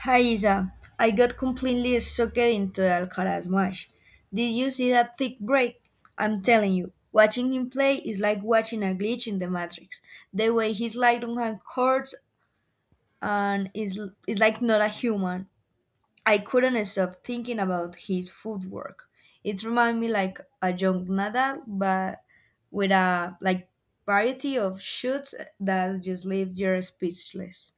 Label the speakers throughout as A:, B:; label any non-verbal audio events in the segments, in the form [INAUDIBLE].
A: Hi Isa, I got completely sucked into Alcaraz match. Did you see that thick break? I'm telling you, watching him play is like watching a glitch in the matrix. The way he's like on hand courts and is like not a human. I couldn't stop thinking about his footwork. It reminded me like a young Nadal, but with a like variety of shoots that just leave you speechless.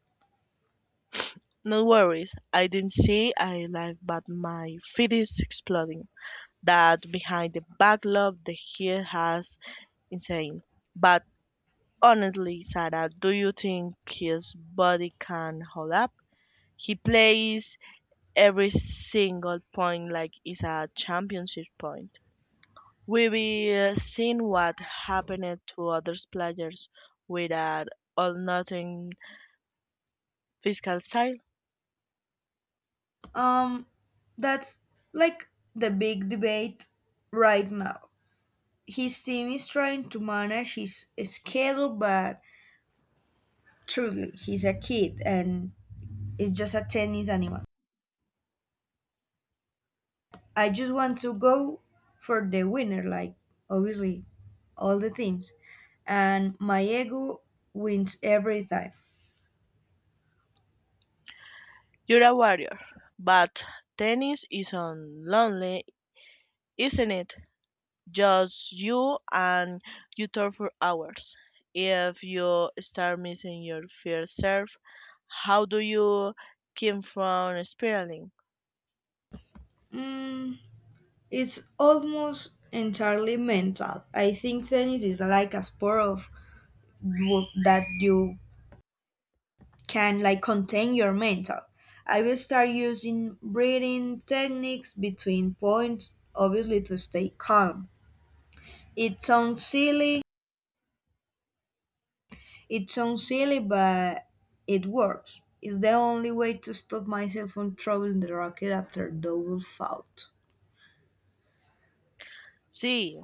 B: No worries. I didn't say I like, but my feed is exploding. That behind the backlog the here has insane. But honestly, Sarah, do you think his body can hold up? He plays every single point like it's a championship point. We've seen what happened to other players with that all nothing fiscal side.
A: Um, that's like the big debate right now. His team is trying to manage his schedule, but truly, he's a kid and it's just a tennis animal. I just want to go for the winner, like obviously all the teams, and my ego wins every time.
B: You're a warrior, but tennis is so lonely, isn't it? Just you and you talk for hours. If you start missing your fair serve, how do you keep from spiraling?
A: Mm, it's almost entirely mental. I think tennis is like a sport of that you can like contain your mental. I will start using breathing techniques between points, obviously to stay calm. It sounds silly, it sounds silly, but it works. It's the only way to stop myself from throwing the rocket after double fault.
B: See,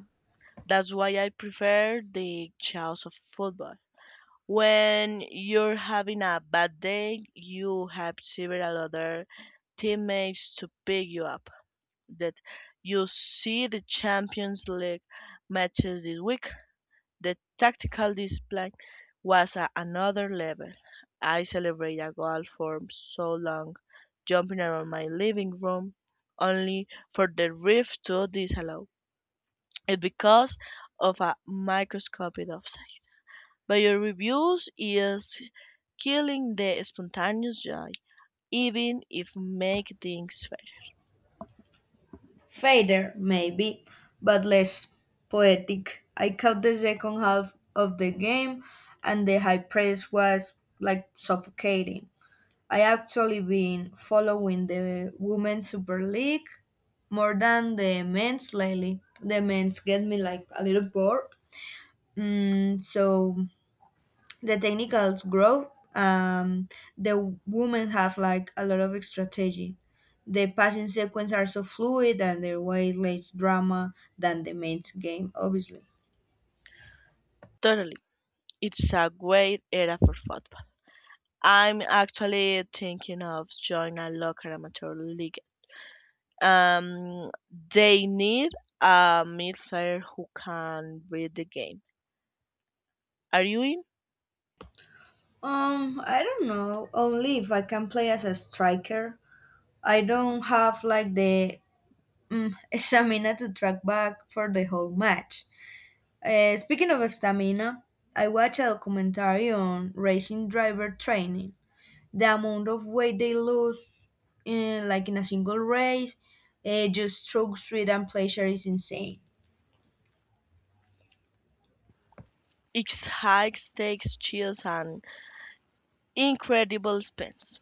B: that's why I prefer the chaos of football. When you're having a bad day, you have several other teammates to pick you up. That you see the Champions League matches this week. The tactical display was at another level. I celebrated a goal for so long, jumping around my living room, only for the ref to disallow it because of a microscopic offside. But your reviews is killing the spontaneous joy, even if make things fair.
A: Fader, maybe, but less poetic. I caught the second half of the game, and the high press was like suffocating. I actually been following the Women's Super League more than the men's lately. The men's get me like a little bored. Mm, so the technicals grow. The women have like a lot of strategy. The passing sequence are so fluid and their way less drama than the men's game, obviously.
B: Totally, it's a great era for football. I'm actually thinking of joining a local amateur league. Um, they need a midfielder who can read the game. Are you in?
A: I don't know. Only if I can play as a striker. I don't have like the stamina to track back for the whole match. Speaking of stamina, I watched a documentary on racing driver training. The amount of weight they lose, in, like in a single race, just stroke speed and pleasure is insane.
B: It's high stakes, chills, and incredible spins.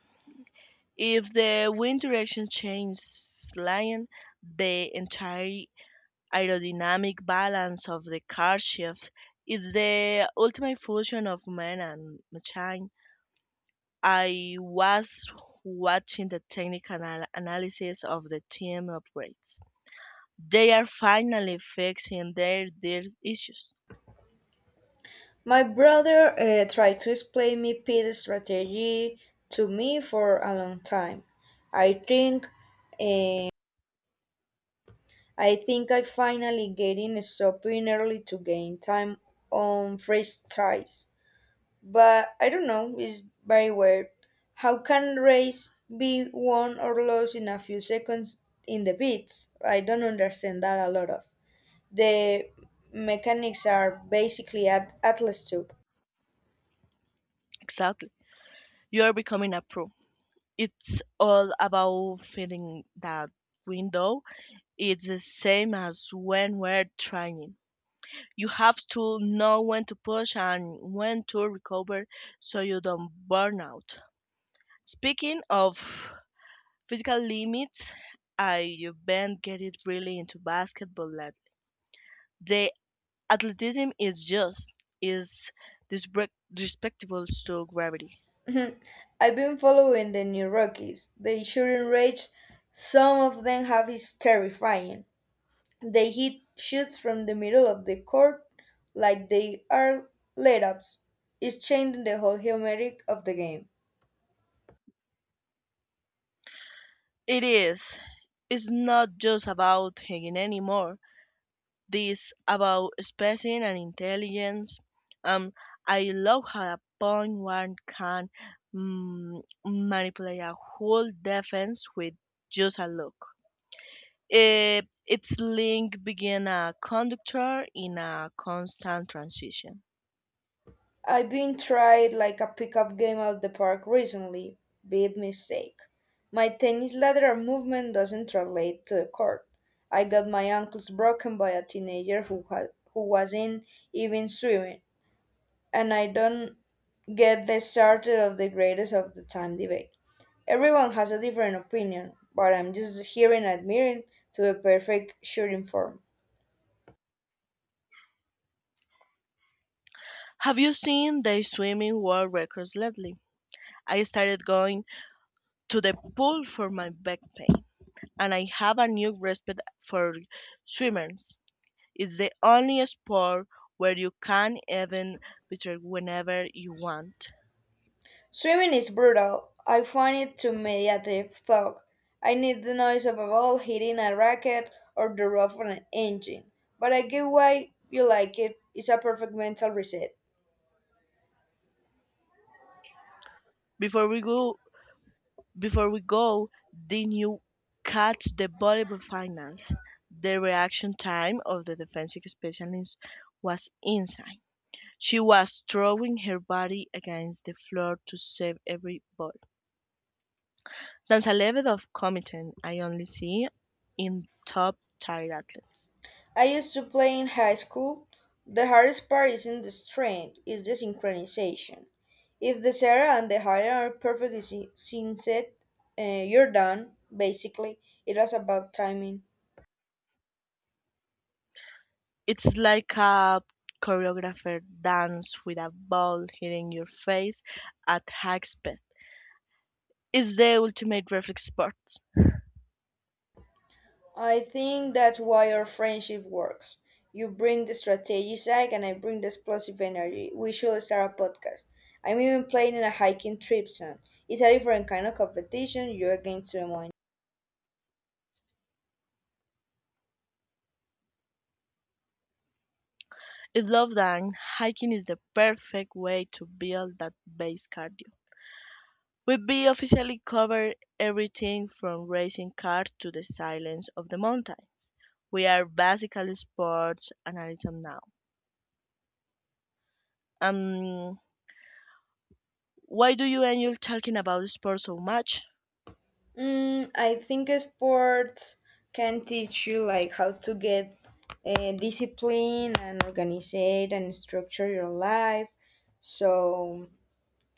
B: If the wind direction changes slightly, the entire aerodynamic balance of the car shifts. It's the ultimate fusion of man and machine. I was watching the technical analysis of the team upgrades. They are finally fixing their issues.
A: My brother tried to explain me pit strategy to me for a long time. I think I think I finally getting stopped doing early to gain time on fresh ties. But I don't know, it's very weird. How can race be won or lost in a few seconds in the beats? I don't understand that a lot of. The mechanics are basically at Atlas tube.
B: Exactly. You are becoming a pro. It's all about filling that window. It's the same as when we're training. You have to know when to push and when to recover so you don't burn out. Speaking of physical limits, I've been getting really into basketball lately. The athleticism is just is disrespectful to gravity.
A: [LAUGHS] I've been following the new Rockies. The shooting range, some of them have is terrifying. They hit shoots from the middle of the court like they are layups. It's changing the whole humeric of the game.
B: It is. It's not just about hanging anymore. This about spacing and intelligence. Um, I love how a point one can manipulate a whole defense with just a look. Eh, its link being a conductor in a constant transition.
A: I've been tried like a pickup game at the park recently. Big mistake. My tennis lateral movement doesn't translate to the court. I got my ankles broken by a teenager who wasn't even swimming, and I don't get the starter of the greatest of the time debate. Everyone has a different opinion, but I'm just hearing and admiring to the perfect shooting form.
B: Have you seen the swimming world records lately? I started going to the pool for my back pain, and I have a new respect for swimmers. It's the only sport where you can even betray whenever you want.
A: Swimming is brutal. I find it too meditative thought. I need the noise of a ball hitting a racket or the rough on an engine. But I get why you like it. It's a perfect mental reset.
B: Before we go, Before we go, did you catch the volleyball finals? The reaction time of the defensive specialist was insane. She was throwing her body against the floor to save every ball. That's a level of commitment I only see in top tier athletes.
A: I used to play in high school. The hardest part isn't the strength, it's the synchronization. If the Sarah and the Hyden are perfectly synced, you're done, basically. It was about timing.
B: It's like a choreographer dance with a ball hitting your face at high speed. It's the ultimate reflex sport.
A: I think that's why our friendship works. You bring the strategy side and I bring the explosive energy. We should start a podcast. I'm even playing in a hiking trip soon. It's a different kind of competition, you against someone.
B: I love that hiking is the perfect way to build that base cardio. We be officially covered everything from racing cars to the silence of the mountains. We are basically sports analysts now. Um, why do you end up talking about sports so much?
A: Mm, I think sports can teach you like how to get discipline and organize it and structure your life. So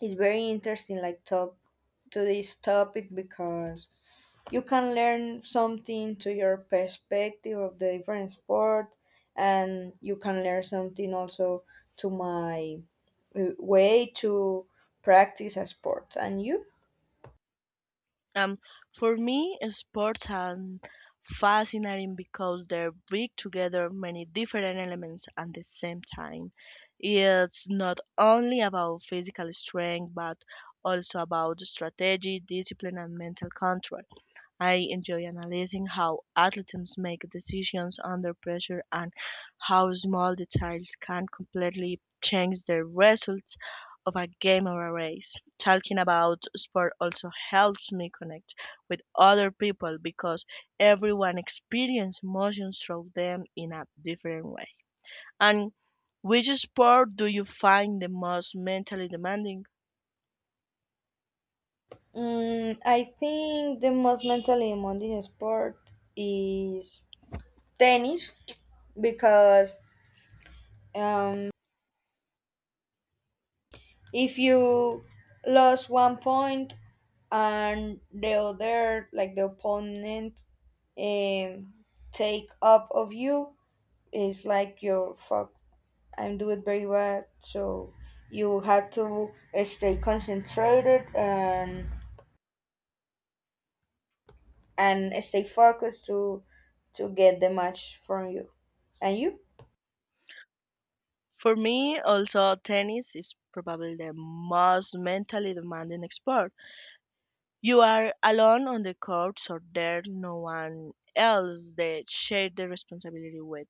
A: it's very interesting like talk to this topic because you can learn something to your perspective of the different sport and you can learn something also to my way to practice a sport. And you?
B: Um, for me, sports are fascinating because they bring together many different elements at the same time. It's not only about physical strength, but also about strategy, discipline, and mental control. I enjoy analyzing how athletes make decisions under pressure and how small details can completely change the results of a game or a race. Talking about sport also helps me connect with other people because everyone experiences emotions through them in a different way. And which sport do you find the most mentally demanding?
A: Mm, I think the most mentally demanding sport is tennis because um, if you lose one point and the other, like the opponent, um, take up of you, it's like your fuck. I'm doing very bad, so you have to stay concentrated and stay focused to get the match from you. And you?
B: For me, also, tennis is probably the most mentally demanding sport. You are alone on the court, so there's no one else that share the responsibility with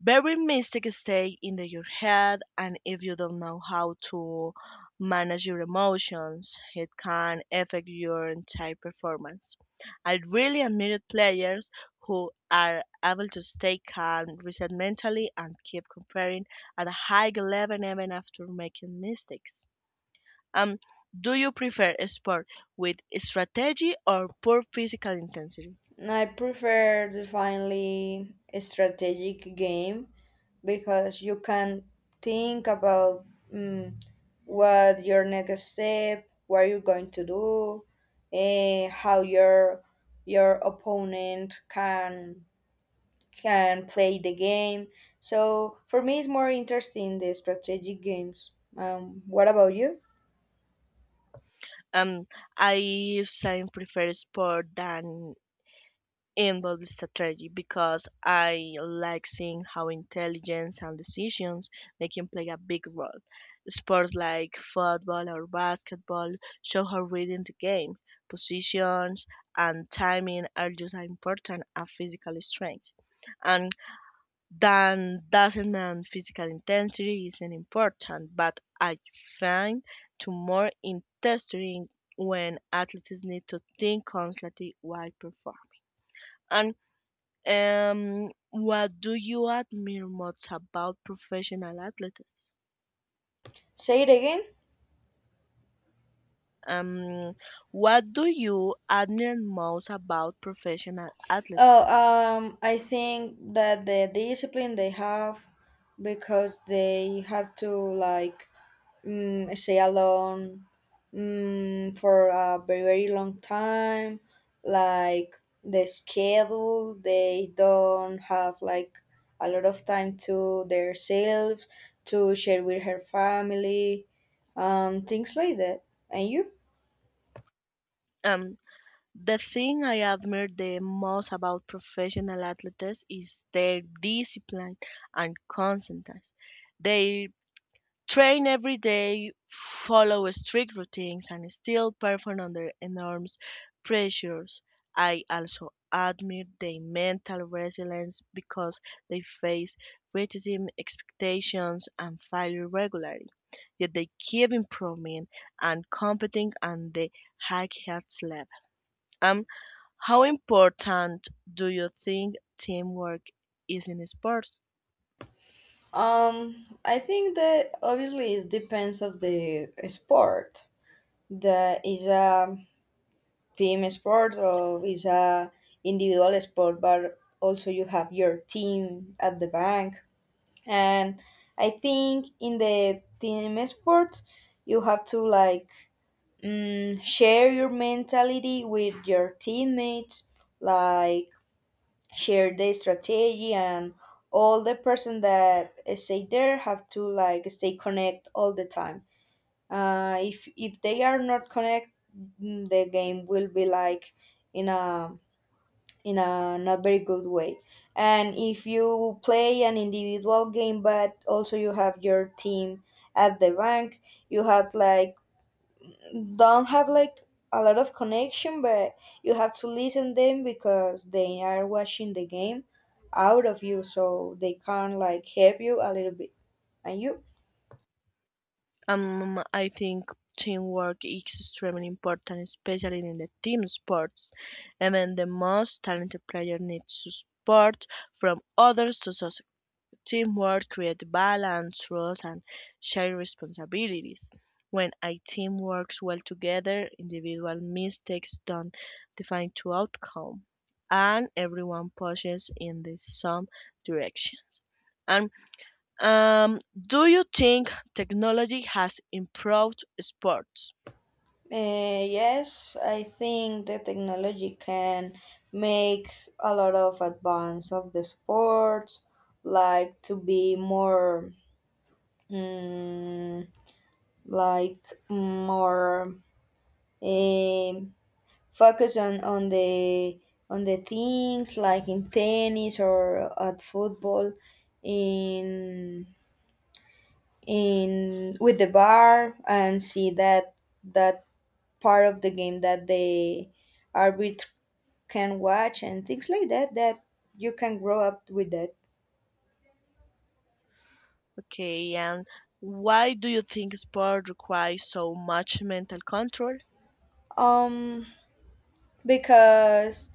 B: very mistake stay your head, and if you don't know how to manage your emotions, it can affect your entire performance. I really admire players who are able to stay calm, reset mentally, and keep comparing at a high level even after making mistakes. um do you prefer a sport with strategy or poor physical intensity?
A: I prefer definitely a strategic game because you can think about mm, what your next step, what you're going to do, how your opponent can play the game. So for me, it's more interesting the strategic games. What about you?
B: um I sometimes prefer sport than involved in strategy because I like seeing how intelligence and decisions making play a big role. Sports like football or basketball show how reading the game, positions, and timing are just as important as physical strength. And then doesn't mean physical intensity isn't important, but I find to more interesting when athletes need to think constantly while performing. And what do you admire most about professional athletes?
A: Say it again.
B: Um, what do you admire most about professional
A: Oh,
B: athletes?
A: I think that the discipline they have because they have to like stay alone for a very very long time. Like the schedule, they don't have like a lot of time to themselves to share with her family, things like that. And you?
B: Um, the thing I admire the most about professional athletes is their discipline and constantness. Their train every day, follow strict routines, and still perform under enormous pressures. I also admire their mental resilience because they face criticism, expectations, and failure regularly. Yet they keep improving and competing at the highest level. Um, how important do you think teamwork is in sports?
A: I think that obviously it depends of the sport. That is a team sport or is a individual sport, but also you have your team at the bank, and I think in the team sports you have to like share your mentality with your teammates, like share the strategy, and all the person that stay there have to like stay connect all the time. If they are not connect, the game will be like in a in a not very good way. And if you play an individual game, but also you have your team at the bank, you have like don't have like a lot of connection, but you have to listen them because they are watching the game out of you, so they can like help you a little bit. And you?
B: I think teamwork is extremely important, especially in the team sports. Even the most talented player needs support from others to succeed. Teamwork creates balance, trust, and shared responsibilities. When a team works well together, individual mistakes don't define the outcome, and everyone pushes in the same direction. And do you think technology has improved sports?
A: Yes, I think the technology can make a lot of advance of the sports, like to be more, mm, like more um focus on the things like in tennis or at football, in in with the bar and see that that part of the game that they are can watch and things like that that you can grow up with that.
B: Okay, and why do you think sport requires so much mental control?
A: um because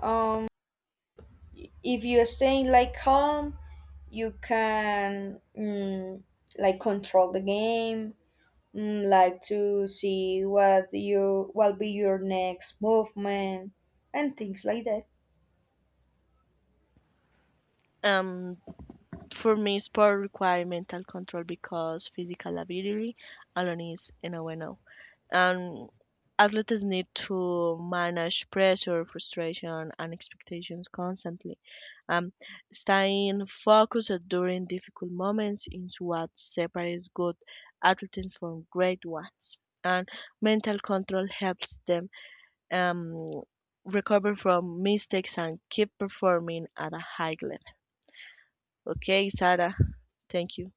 A: um if you're staying like calm you can like control the game, like to see what you what be your next movement and things like that.
B: Um, for me, sport requires mental control because physical ability alone is no bueno. And athletes need to manage pressure, frustration, and expectations constantly. Um, Staying focused during difficult moments is what separates good athletes from great ones. And mental control helps them um, recover from mistakes and keep performing at a high level. Okay, Sarah, thank you.